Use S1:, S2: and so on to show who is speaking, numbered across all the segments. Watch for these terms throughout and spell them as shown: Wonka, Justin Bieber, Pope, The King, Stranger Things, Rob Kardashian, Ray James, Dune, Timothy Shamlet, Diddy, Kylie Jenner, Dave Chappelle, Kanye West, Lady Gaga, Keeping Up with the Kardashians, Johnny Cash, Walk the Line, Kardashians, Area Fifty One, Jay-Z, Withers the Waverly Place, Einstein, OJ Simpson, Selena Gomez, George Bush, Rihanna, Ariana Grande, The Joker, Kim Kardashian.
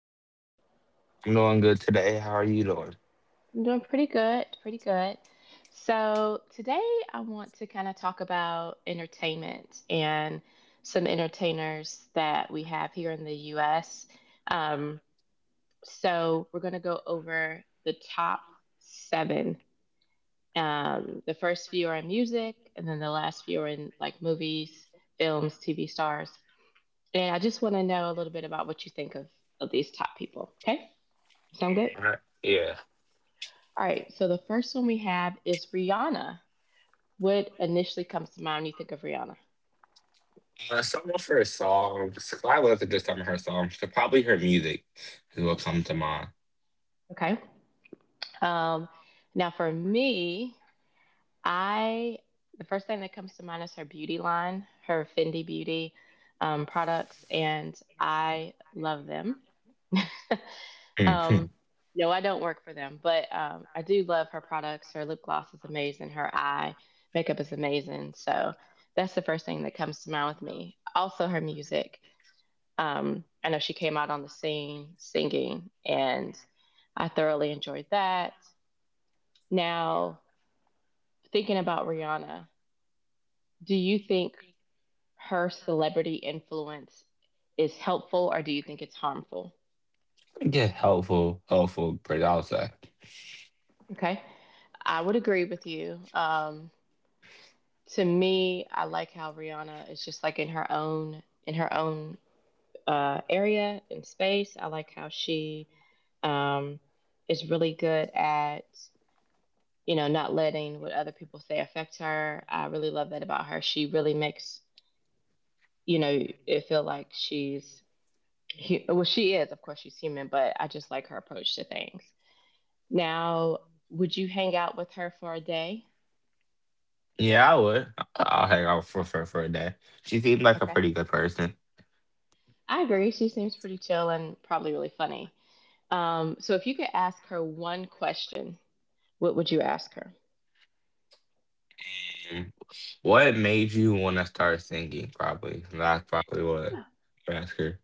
S1: how are you doing?
S2: I'm doing good today. How are you doing?
S1: I'm doing pretty good. So today I want to talk about entertainment and some entertainers that we have here in the U.S. Um, so we're going to go over the top seven. The first few are in music, and then the last few are in movies, films, TV stars. And I just want to know a little bit about what you think of these top people. Okay? Sound good?
S2: Alright. Yeah.
S1: All right. So the first one we have is Rihanna. What initially comes to mind when you think of Rihanna?
S2: Some of her songs, I love to just some of her songs, so probably her music is what comes to mind.
S1: Okay. Um, now, for me, I the first thing that comes to mind is her beauty line, her Fendi Beauty products, and I love them.
S2: Hmm.
S1: um, no, I don't work for them, but I do love her products. Her lip gloss is amazing. Her eye makeup is amazing. So that's the first thing that comes to mind with me. Also, her music. I know she came out on the scene singing, and I thoroughly enjoyed that. Now, thinking about Rihanna, do you think her celebrity influence is helpful, or do you think it's harmful?
S2: Yeah, helpful, helpful, pretty, I would say.
S1: Okay. I would agree with you. To me, I like how Rihanna is just like in her own area and space. I like how she um, is really good at you know not letting what other people say affect her. I really love that about her. She really makes you know it feel like well, she is, of course, she's human, but I just like her approach to things. Now, would you hang out with her for a day?
S2: Yeah, I would. I'll hang out with her for a day. She seemed like a
S1: Okay.
S2: pretty good person.
S1: I agree. She seems pretty chill and probably really funny. So if you could ask her one question, what would you ask her?
S2: Mm. What made you want to start singing, probably? That's probably what
S1: Yeah,
S2: I ask her.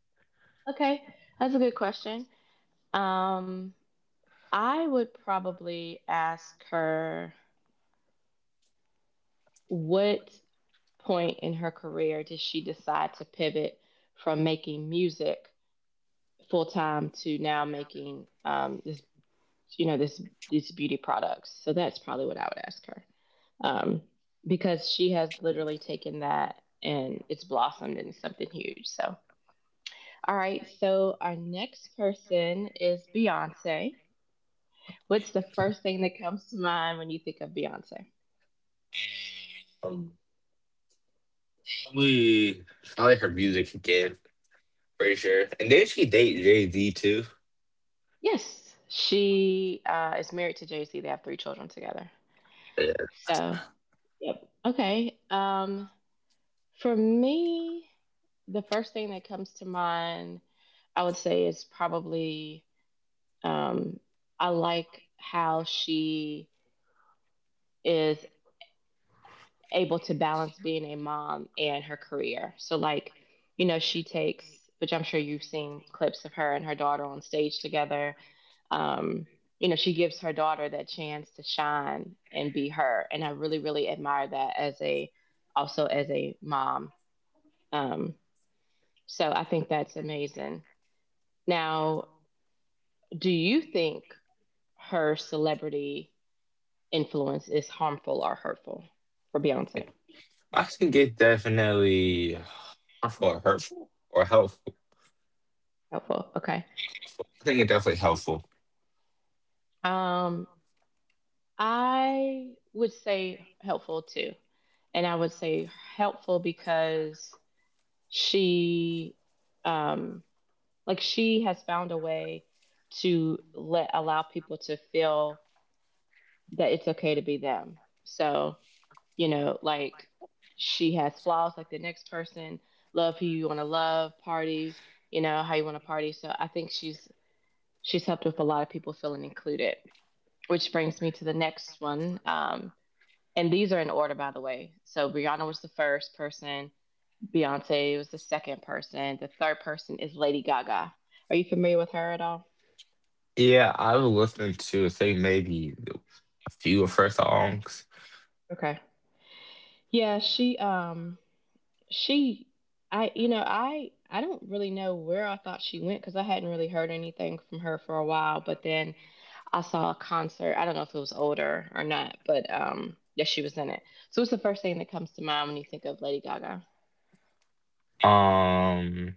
S1: okay, that's a good question. Um, I would probably ask her what point in her career did she decide to pivot from making music full time to now making this this these beauty products. So that's probably what I would ask her, um, because she has literally taken that and it's blossomed into something huge. So all right, so our next person is Beyonce. What's the first thing that comes to mind when you think of Beyonce?
S2: Um, probably, probably her music again, pretty sure. And did she date Jay Z too?
S1: Yes, she is married to Jay-Z. They have three children together. So yep. Okay. For me, the first thing that comes to mind, I would say, is probably, um, I like how she is able to balance being a mom and her career. So, like, you know, which I'm sure you've seen clips of her and her daughter on stage together. Um, you know, she gives her daughter that chance to shine and be her. And I really, really admire that as a, also as a mom. Um, So I think that's amazing. Now, do you think her celebrity influence is harmful or hurtful for Beyonce?
S2: I think it definitely harmful or hurtful or helpful.
S1: Helpful. Okay.
S2: I think it definitely helpful.
S1: Um, I would say helpful too. And I would say helpful because she um like she has found a way to let allow people to feel that it's okay to be them. So you know like she has flaws like the next person. Love who you want to love, party you know how you want to party. So I think she's helped with a lot of people feeling included, which brings me to the next one. And these are in order, by the way. So Rihanna was the first person, Beyonce was the second person, the third person is Lady Gaga. Are you familiar with her at all?
S2: Yeah, I was listening to I think maybe a few of her songs.
S1: Okay, yeah, she I don't really know where I thought she went because I hadn't really heard anything from her for a while, but then I saw a concert. I don't know if it was older or not, but yes, she was in it. So it's the first thing that comes to mind when you think of Lady Gaga.
S2: Um,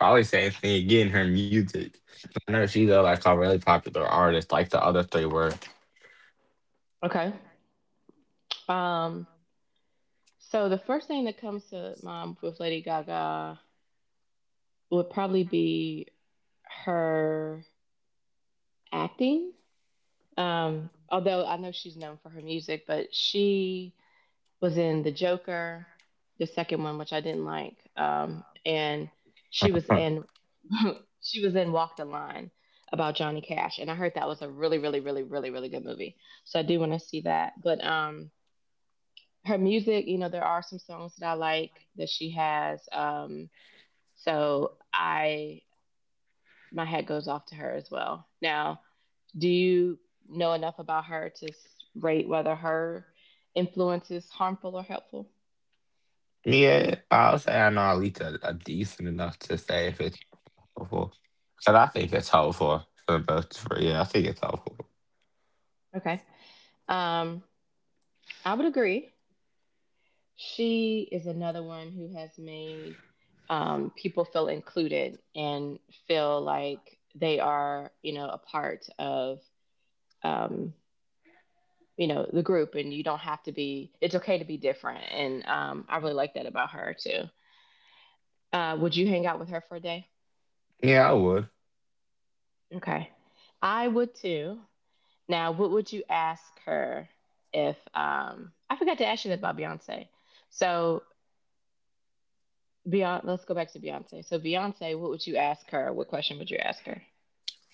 S2: Probably same thing again. Her music. I know she's like a really popular artist, like the other three were.
S1: Okay. Um so the first thing that comes to mind with Lady Gaga would probably be her acting. Although I know she's known for her music, but she was in The Joker, the second one, which I didn't like. And she was in she was in Walk the Line about Johnny Cash, and I heard that was a really, really, really, really, really good movie. So I do want to see that. But her music, you know, there are some songs that I like that she has. So I my hat goes off to her as well. Now, do you know enough about her to rate whether her influence is harmful or helpful?
S2: Yeah, I'll say I know at least a decent enough to say if it's helpful. Cause I think it's helpful for both. For, yeah, I think it's helpful.
S1: Okay. Um, I would agree. She is another one who has made people feel included and feel like they are, you know, a part of, um, you know, the group, and you don't have to be. It's okay to be different, and I really like that about her too. Would you hang out with her for a day?
S2: Yeah, I would.
S1: Okay, I would too. Now, what would you ask her if I forgot to ask you this about Beyonce? So Beyonce, let's go back to Beyonce. So Beyonce, what would you ask her? What question would you ask her?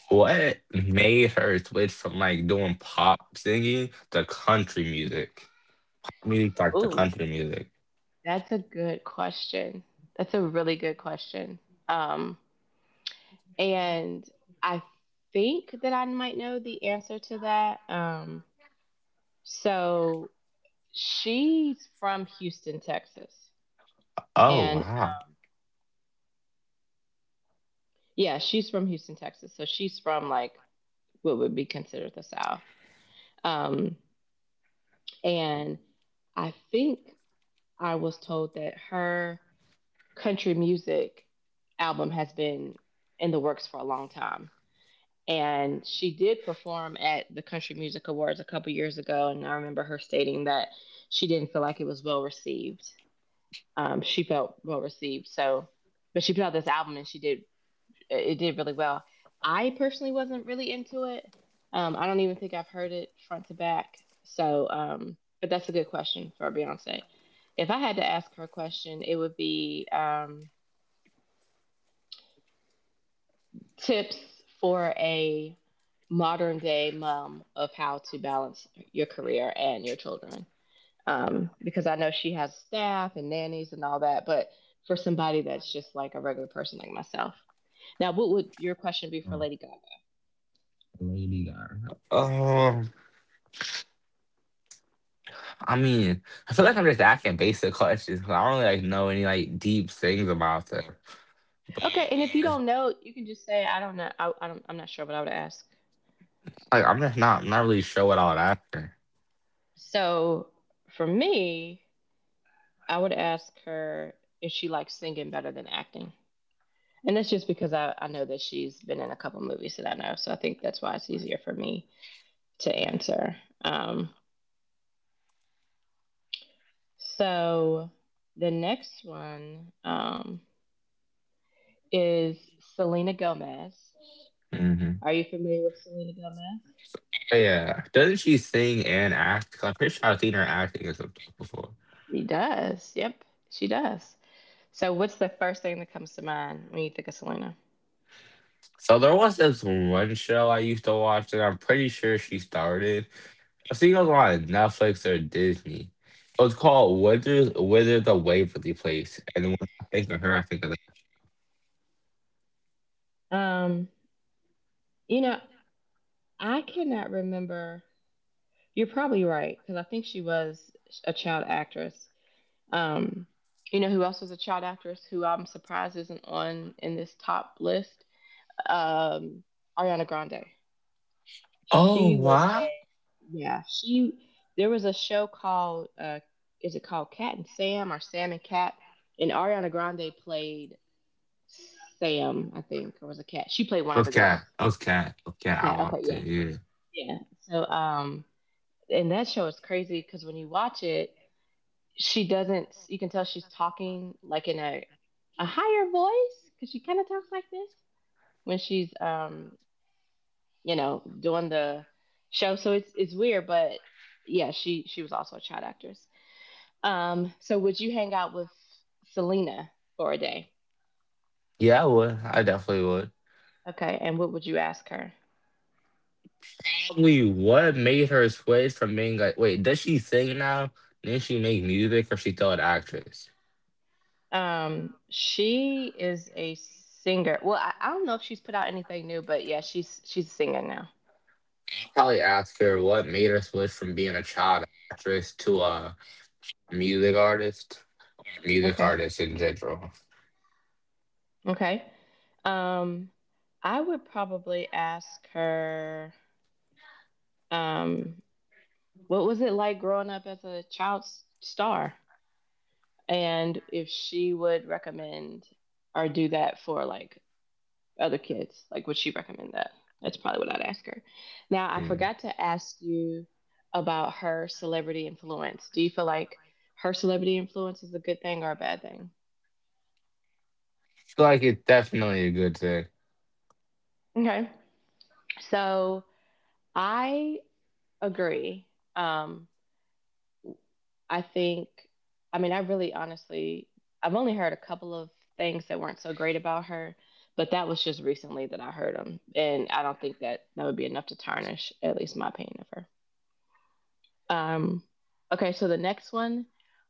S2: What made her switch from like doing pop singing to country music? Really like the
S1: Ooh,
S2: country music.
S1: that's a good question. That's a really good question. Um, and I think that I might know the answer to that. So she's from Houston, Texas,
S2: Oh
S1: and
S2: wow.
S1: yeah, she's from Houston, Texas. So she's from like what would be considered the South. Um, and I think I was told that her country music album has been in the works for a long time. And she did perform at the Country Music Awards a couple years ago. And I remember her stating that she didn't feel like it was well received. She felt well received. So, but she put out this album and it did really well. I personally wasn't really into it. I don't even think I've heard it front to back. So, but that's a good question for Beyonce. If I had to ask her a question, it would be, tips for a modern day mom of how to balance your career and your children. Because I know she has staff and nannies and all that, but for somebody that's just like a regular person like myself. Now, what would your question be for
S2: Oh,
S1: Lady Gaga?
S2: Lady Gaga. I mean, I feel like I'm just asking basic questions because I don't really, like, know any like deep things about them.
S1: Okay, and if you
S2: But
S1: don't know, you can just say, I don't know. I'm not sure what I would ask.
S2: like, I'm not really sure what all that.
S1: So for me, I would ask her if she likes singing better than acting. And that's just because I know that she's been in a couple movies that I know. So I think that's why it's easier for me to answer. Um, so the next one is Selena Gomez.
S2: Mm-hmm.
S1: Are you familiar with Selena Gomez?
S2: Yeah, doesn't she sing and act? 'Cause I'm pretty sure I've seen her acting or something before.
S1: She does. Yep, she does. So what's the first thing that comes to mind when you think of Selena?
S2: So there was this one show I used to watch, and I'm pretty sure she started. I think it was on Netflix or Disney. It was called Withers the Waverly Place. And when I think of her, I think of that.
S1: Um, you know, I cannot remember. You're probably right because I think she was a child actress. Um, you know who else is a child actress who I'm surprised isn't on in this top list? Um, Ariana Grande.
S2: Oh
S1: She was
S2: wow.
S1: a yeah. She There was a show called is it called Cat and Sam or Sam and Cat? And Ariana Grande played Sam, I think, or was a Cat. She played one of the
S2: Okay.
S1: girls.
S2: Okay. Okay.
S1: Just
S2: I
S1: Cat. Okay,
S2: watched
S1: yeah,
S2: it, yeah.
S1: yeah. So and that show is crazy because when you watch it, she doesn't. You can tell she's talking like in a higher voice because she kind of talks like this when she's you know doing the show. So it's weird, but yeah, she was also a child actress. So would you hang out with Selena for a day?
S2: Yeah, I would. I definitely would.
S1: Okay, and what would you ask her?
S2: Probably what made her switch from being like, wait, does she sing now? Did she make music or she still an actress?
S1: She is a singer. Well, I don't know if she's put out anything new, but yeah, she's singing now.
S2: I'd probably ask her what made her switch from being a child actress to a music artist, music
S1: Okay,
S2: artist in general.
S1: okay. um I would probably ask her, um what was it like growing up as a star? And if she would recommend or do that for like other kids, like would she recommend that? That's probably what I'd ask her. Now, I
S2: Mm.
S1: forgot to ask you about her celebrity influence. Do you feel like her celebrity influence is a good thing or a bad thing?
S2: Feel like it's definitely a good thing.
S1: Okay. So I agree. Um, I think, I mean, I really honestly, I've only heard a couple of things that weren't so great about her, but that was just recently that I heard them. And I don't think that that would be enough to tarnish at least my opinion of her. Um, okay, so the next one,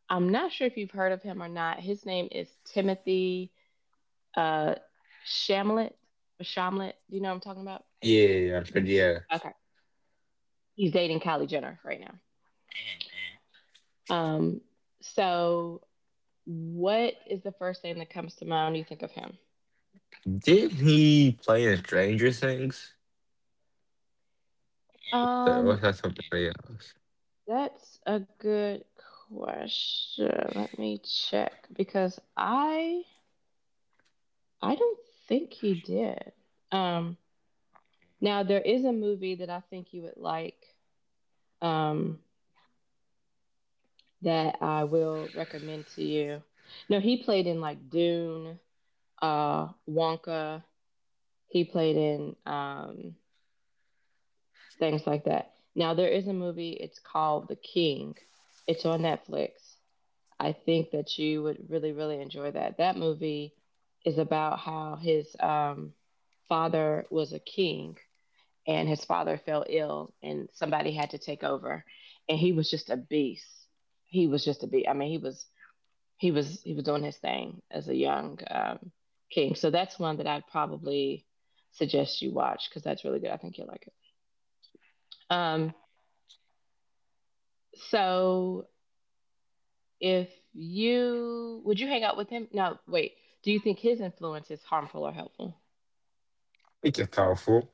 S1: I'm not sure if you've heard of him or not. His name is Timothy uh, Shamlet. Shamlet, do you know what I'm talking about?
S2: Yeah, I'm pretty yeah.
S1: Okay, he's dating Kylie Jenner right now. Um, so, what is the first thing that comes to mind when you think of him?
S2: Did he play in Stranger Things? Or
S1: Um,
S2: was that somebody else?
S1: that's a good question. Let me check because I don't think he did. Um, now there is a movie that I think you would like. Um, that I will recommend to you. No, he played in like Dune, Wonka. He played in things like that. Now there is a movie. It's called The King. It's on Netflix. I think that you would really, really enjoy that. That movie is about how his father was a king and his father fell ill and somebody had to take over. And he was just a beast. He was just a beast. I mean, he was he was doing his thing as a young king. So that's one that I'd probably suggest you watch because that's really good. I think you'll like it. Um, so If you would you hang out with him? No, wait. Do you think his influence is harmful or helpful?
S2: It's a thoughtful.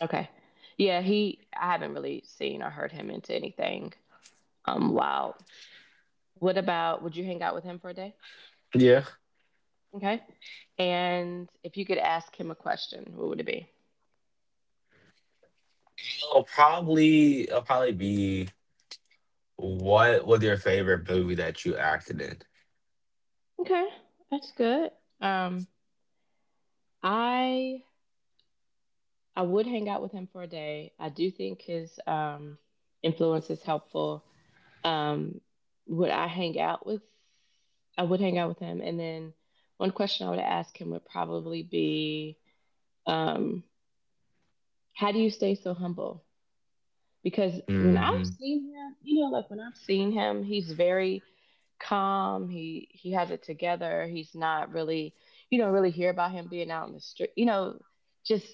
S1: Okay. Yeah, he I haven't really seen or heard him into anything wild. What about would you hang out with him for a day?
S2: Yeah.
S1: Okay. And if you could ask him a question, what would it be?
S2: I will probably be what was your favorite movie that you acted in?
S1: Okay. That's good. Um I I would hang out with him for a day. I do think his influence is helpful. Um, would I hang out with? I would hang out with him. And then one question I would ask him would probably be, um, "How do you stay so humble?" Because when I've
S2: Mm-hmm.
S1: seen him, you know, like when I've seen him, he's very calm. He has it together. He's not really, you don't really hear about him being out in the street. You know, just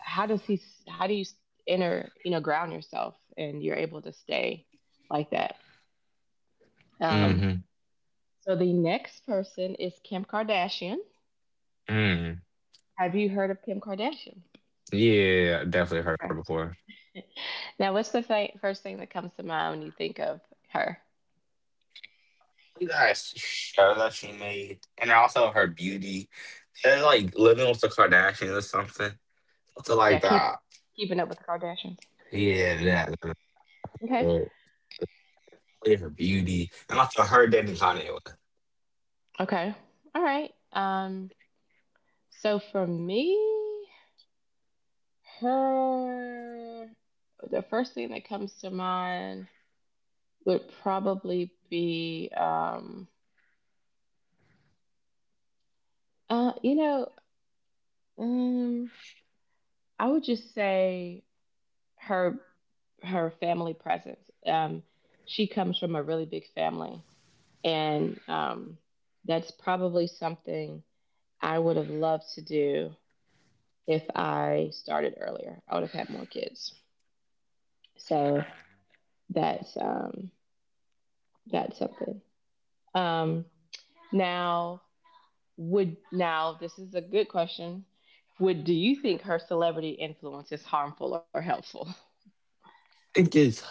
S1: how does he? How do you enter? You know, ground yourself and you're able to stay like that? Um,
S2: Mm-hmm.
S1: The next person is Kim Kardashian.
S2: Mm.
S1: Have you heard of Kim Kardashian?
S2: Yeah, I definitely heard her
S1: Okay.
S2: before.
S1: Now, what's the first thing that comes to mind when you think of her?
S2: Yes, show that she made, and also her beauty. And like living with the Kardashians or something. Something
S1: Yeah,
S2: like that.
S1: keeping up with the Kardashians.
S2: Yeah, that
S1: Okay.
S2: her, her beauty. And also her dating Kanye West. I
S1: Okay. All right. So for me, her the first thing that comes to mind would probably be uh you know um I would just say her her family presence. She comes from a really big family, and that's probably something I would have loved to do if I started earlier. I would have had more kids. So that's um, that's something. Um, now would now this is a good question. Would do you think her celebrity influence is harmful or helpful?
S2: think it's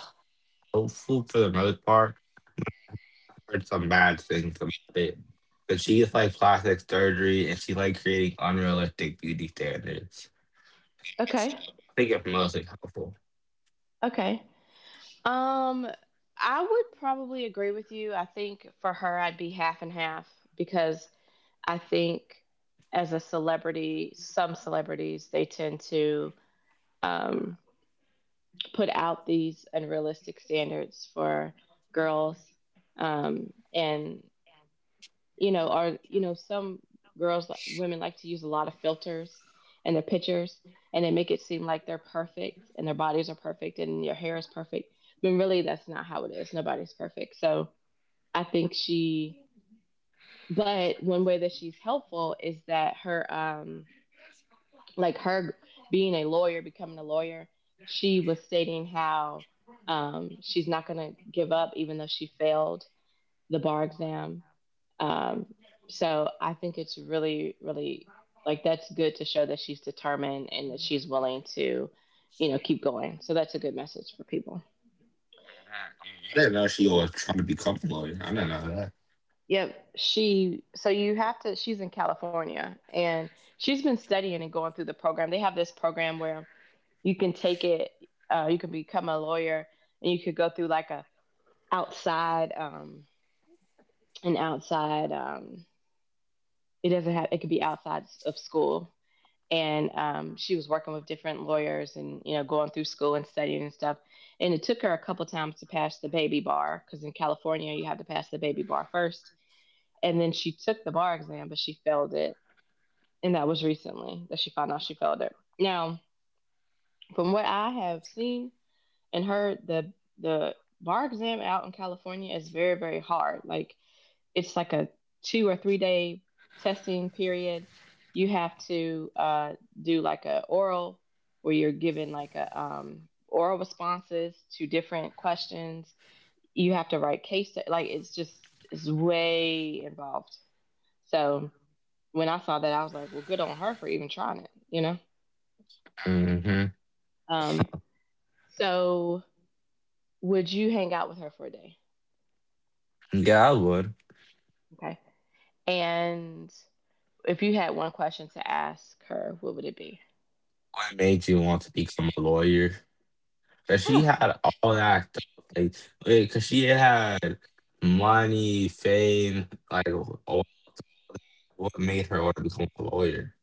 S2: hopeful for the most part. I heard some bad things about it. But she gets like plastic surgery and she like creating unrealistic beauty standards.
S1: Okay.
S2: I think it's mostly helpful.
S1: Okay. Um, I would probably agree with you. I think for her, I'd be half and half because I think as a celebrity, some celebrities they tend to um, put out these unrealistic standards for girls, and you know, or you know, some girls, women like to use a lot of filters in their pictures, and they make it seem like they're perfect and their bodies are perfect and your hair is perfect. But really, that's not how it is. Nobody's perfect. So I think she, but one way that she's helpful is that her, like her being a lawyer, becoming a lawyer, she was stating how she's not going to give up even though she failed the bar exam um, so I think it's really, really like that's good to show that she's determined and that she's willing to, you know, keep going. So that's a good message for people.
S2: I didn't know she was trying to become a lawyer. I didn't know that.
S1: Yep. She, so you have to, she's in California and she's been studying and going through the program. They have this program where you can take it, you can become a lawyer and you could go through like a outside, an outside, it doesn't have, it could be outside of school and she was working with different lawyers and you know going through school and studying and stuff and it took her a couple times to pass the baby bar because in California you have to pass the baby bar first and then she took the bar exam but she failed it and that was recently that she found out she failed it now from what I have seen and heard the bar exam out in California is very very hard like it's like a 2 or 3 day testing period. You have to do like a oral where you're given like a oral responses to different questions. You have to write case like it's way involved. So when I saw that, I was like, well, good on her for even trying it, you know.
S2: Hmm.
S1: Um, so would you hang out with her for a day?
S2: Yeah, I would.
S1: Okay, and if you had one question to ask her, what would it be?
S2: What made you want to become a lawyer? Cause she
S1: Oh,
S2: had all that stuff, like, wait, cause she had money, fame, like, wh- what made her want to become a lawyer?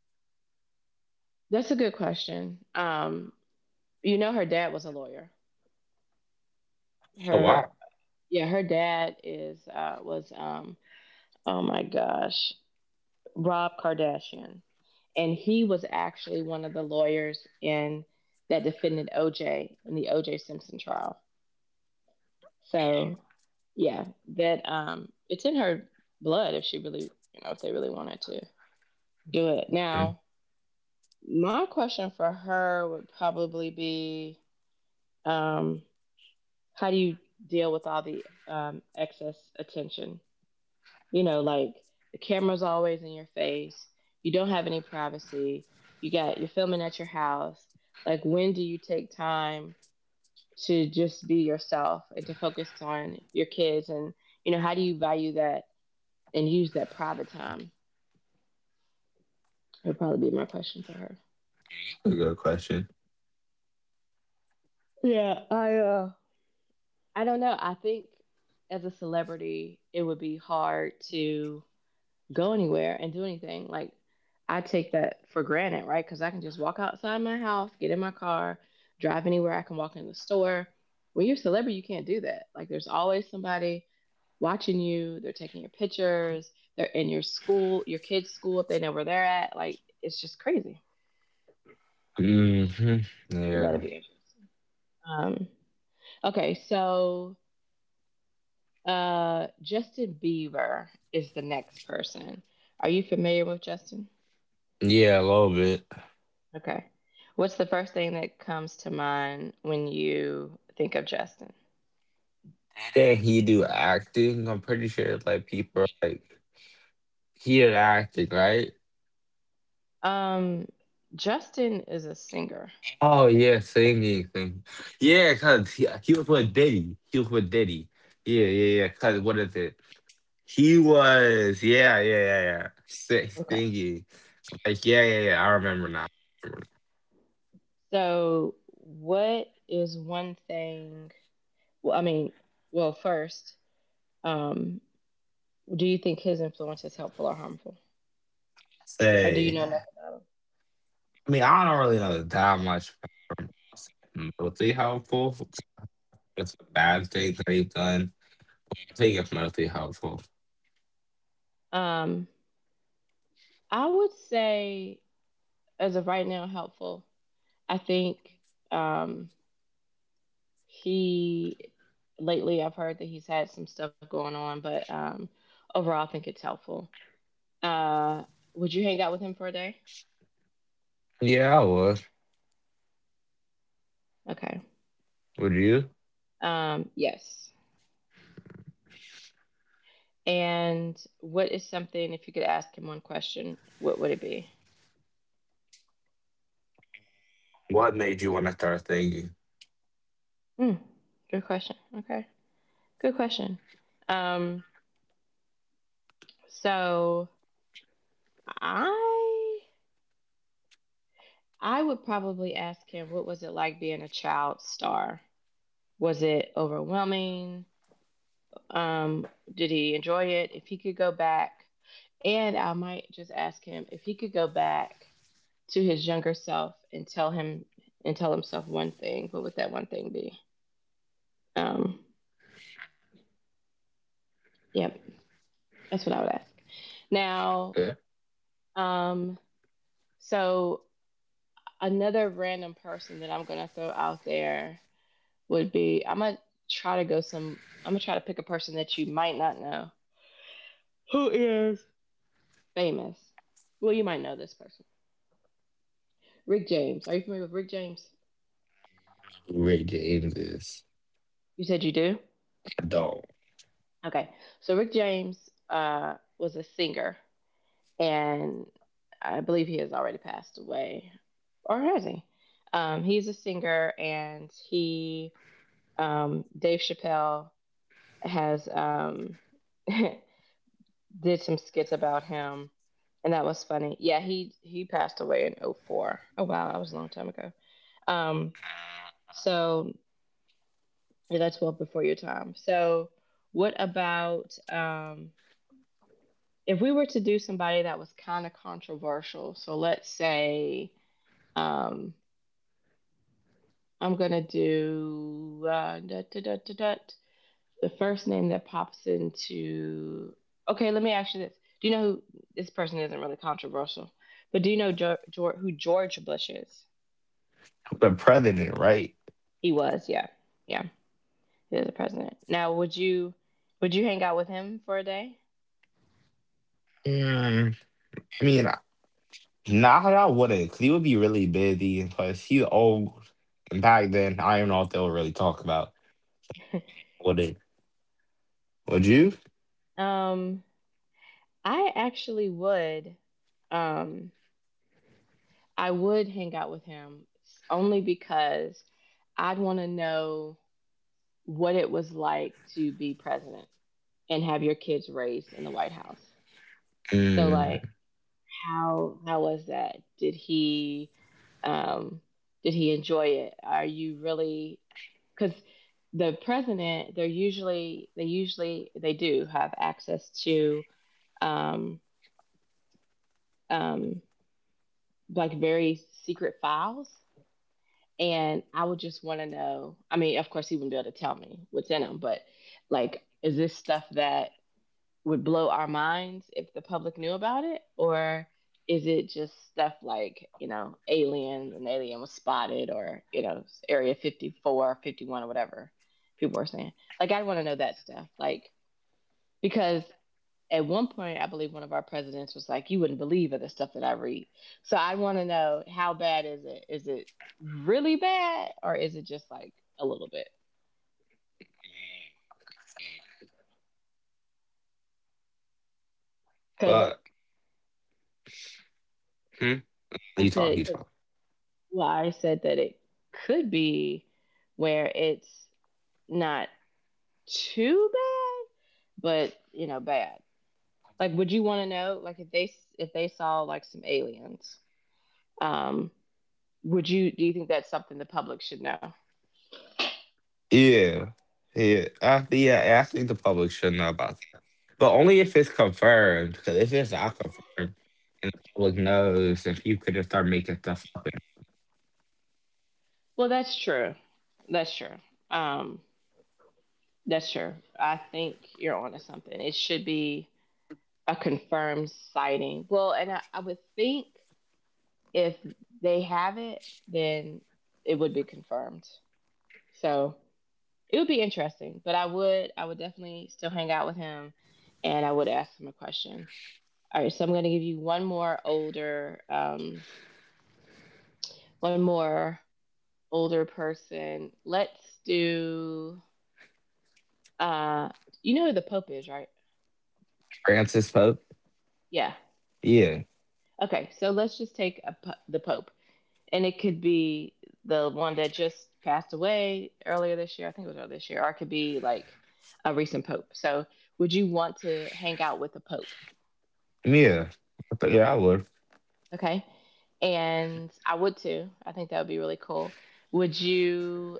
S1: that's a good question. You know, her dad was a lawyer.
S2: Oh
S1: Her,
S2: wow.
S1: yeah, her dad is was oh my gosh, Rob Kardashian, and he was actually one of the lawyers in that defended OJ in the OJ Simpson trial. So, yeah, that it's in her blood if she really, you know, if they really wanted to do it.
S2: Mm,
S1: Now, my question for her would probably be. Um, how do you deal with all the excess attention? You know, like the camera's always in your face. You don't have any privacy. You got you're filming at your house. Like, when do you take time to just be yourself and to focus on your kids? And you know, how do you value that and use that private time? It'll probably be my question for her.
S2: that's a good question.
S1: Yeah, I don't know. I think as a celebrity, it would be hard to go anywhere and do anything. Like I take that for granted, right? Because I can just walk outside my house, get in my car, drive anywhere. I can walk in the store. When you're a celebrity, you can't do that. Like there's always somebody watching you. They're taking your pictures. They're in your school, your kids' school if they know where they're at. Like it's just crazy.
S2: Hmm.
S1: So
S2: Yeah,
S1: that'd be interesting. Um, okay, so Justin Bieber is the next person. Are you familiar with Justin?
S2: yeah, a little bit.
S1: Okay. What's the first thing that comes to mind when you think of Justin?
S2: Then he do acting. I'm pretty sure like people are like he did acting, right?
S1: Um, Justin is a singer.
S2: Oh yeah, singing, singing. Yeah, cause he was with Diddy. He was with Diddy. Yeah, yeah, yeah. Cause what is it? He was, yeah, yeah, yeah, yeah. Sick
S1: Okay.
S2: thingy. Like, yeah, yeah, yeah. I remember now. I remember now.
S1: So, what is one thing? Well, I mean, well, first, um, do you think his influence is helpful or harmful? Or do you
S2: Say,
S1: know enough about
S2: I mean, I don't really know that much about saying mostly helpful. It's a bad thing that he's done. I think it's mostly helpful.
S1: him? I would say, as of right now, helpful. I think um, he lately I've heard that he's had some stuff going on, but overall I think it's helpful. Uh, would you hang out with him for a day?
S2: Yeah, I would.
S1: Okay.
S2: Would you?
S1: Yes. And what is something if you could ask him one question, what would it be?
S2: What made you want to start thinking?
S1: Mm, good question. Okay. Good question. Um, so I I would probably ask him what was it like being a child star? Was it overwhelming? Um, did he enjoy it? If he could go back, and I might just ask him if he could go back to his younger self and tell him and tell himself one thing, what would that one thing be? Um, yep, yeah, that's what I would ask. Now,
S2: Yeah.
S1: um, so another random person that I'm gonna throw out there would be I'm gonna try to go some I'm gonna try to pick a person that you might not know who is famous. Well, you might know this person Rick James. Are you familiar with Rick James?
S2: Ray James is
S1: You said you do?
S2: adult.
S1: Okay. So Rick James was a singer, and I believe he has already passed away. Or has he? He's a singer, and he, Dave Chappelle, has did some skits about him, and that was funny. Yeah, he passed away in '04. Oh wow, that was a long time ago. Um, so Yeah, that's well before your time. So, what about if we were to do somebody that was kind of controversial? So, let's say um, I'm going to do dut, dut, dut, dut, dut. The first name that pops into. Okay, let me ask you this. Do you know who this person isn't really controversial, but do you know who George Bush is?
S2: The president, right?
S1: He was, yeah, yeah, he was the president. Now, would you hang out with him for a day?
S2: Mm, I mean, nah, I wouldn't, 'cause he would be really busy. Plus, he's old. And back then, I don't know if they'll really talk about. Would it? Would you?
S1: Um, I actually would. Um, I would hang out with him only because I'd want to know what it was like to be president and have your kids raised in the White House. So,
S2: Mm.
S1: like, how was that? Um, did he enjoy it? Are you really, because the president they're usually they do have access to um, um, like very secret files. And I would just want to know. I mean, of course, he wouldn't be able to tell me what's in them, but like, is this stuff that would blow our minds if the public knew about it? Or is it just stuff like, an alien was spotted, or, Area 54, 51, or whatever people were saying? Like, I want to know that stuff. Like, because at one point, I believe one of our presidents was like, "You wouldn't believe it, the stuff that I read." So I want to know, how bad is it? Is it really bad, or is it just like a little bit? Because
S2: But hmm?
S1: I said,
S2: You
S1: cause,
S2: talk.
S1: well, I said that it could be where it's not too bad, but bad. Like, would you want to know? Like, if they saw like some aliens, um, would you? Do you think that's something the public should know?
S2: Yeah, yeah. Yeah, I think the public should know about that, but only if it's confirmed. Because if it's not confirmed, and the public knows, if you could just start making stuff up. And
S1: Well, that's true. That's true. Um, That's true. I think you're onto something. It should be a confirmed sighting. Well, and I would think if they have it, then it would be confirmed. So it would be interesting. But I would definitely still hang out with him, and I would ask him a question. All right, so I'm going to give you one more older person. Let's do. Uh, you know who the Pope is, right?
S2: Francis Pope.
S1: Yeah.
S2: Yeah,
S1: Okay, so let's just take a, the Pope, and it could be the one that just passed away earlier this year. I think it was earlier this year, or it could be like a recent Pope. So, would you want to hang out with the Pope?
S2: yeah. Yeah, I would.
S1: Okay, and I would too. I think that would be really cool. Would you?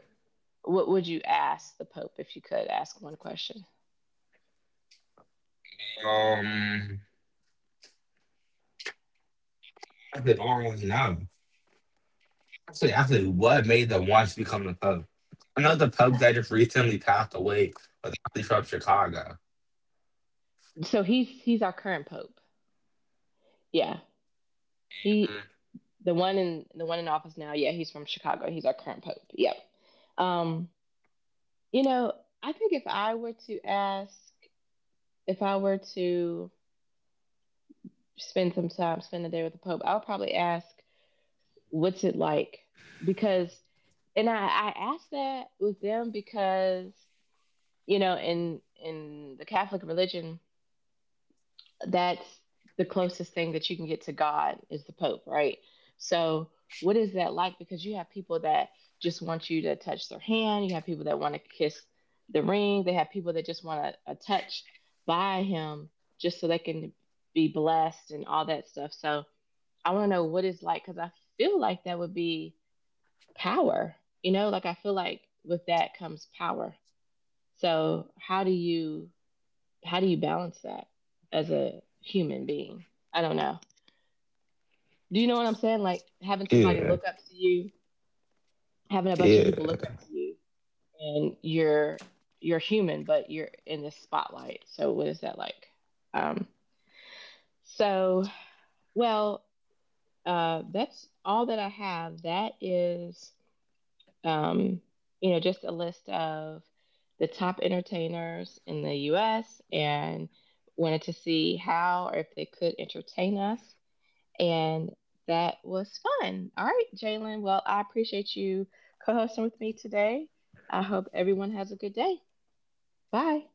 S1: What would you ask the Pope if you could ask one question?
S2: Um, I could always know. Actually, what made the Watch become the Pope? I know the Pope that just recently passed away was actually from Chicago.
S1: So he's our current Pope. Yeah, he
S2: Mhm.
S1: the one in office now. Yeah, he's from Chicago. He's our current Pope. Yep. Um, You know, I think if I were to ask, if I were to spend some time, spend the day with the Pope, I would probably ask, what's it like? Because, and I asked that with them because, you know, in the Catholic religion, that's the closest thing that you can get to God is the Pope, right? So, what is that like? Because you have people that just want you to touch their hand, you have people that want to kiss the ring, they have people that just want a touch by him just so they can be blessed and all that stuff. So, I want to know what it's like because I feel like that would be power, you know, like I feel like with that comes power. So, how do you balance that as a human being? I don't know. Do you know what I'm saying? Like having somebody
S2: Yeah,
S1: look up to you, having a bunch of people look
S2: yeah.
S1: up to you, and you're human, but you're in this spotlight. So what is that like? Um, so well, that's all that I have. That is, um, just a list of the top entertainers in the U.S. and wanted to see how or if they could entertain us. And that was fun. All right, Jalen. Well, I appreciate you co hosting with me today. I hope everyone has a good day. Bye.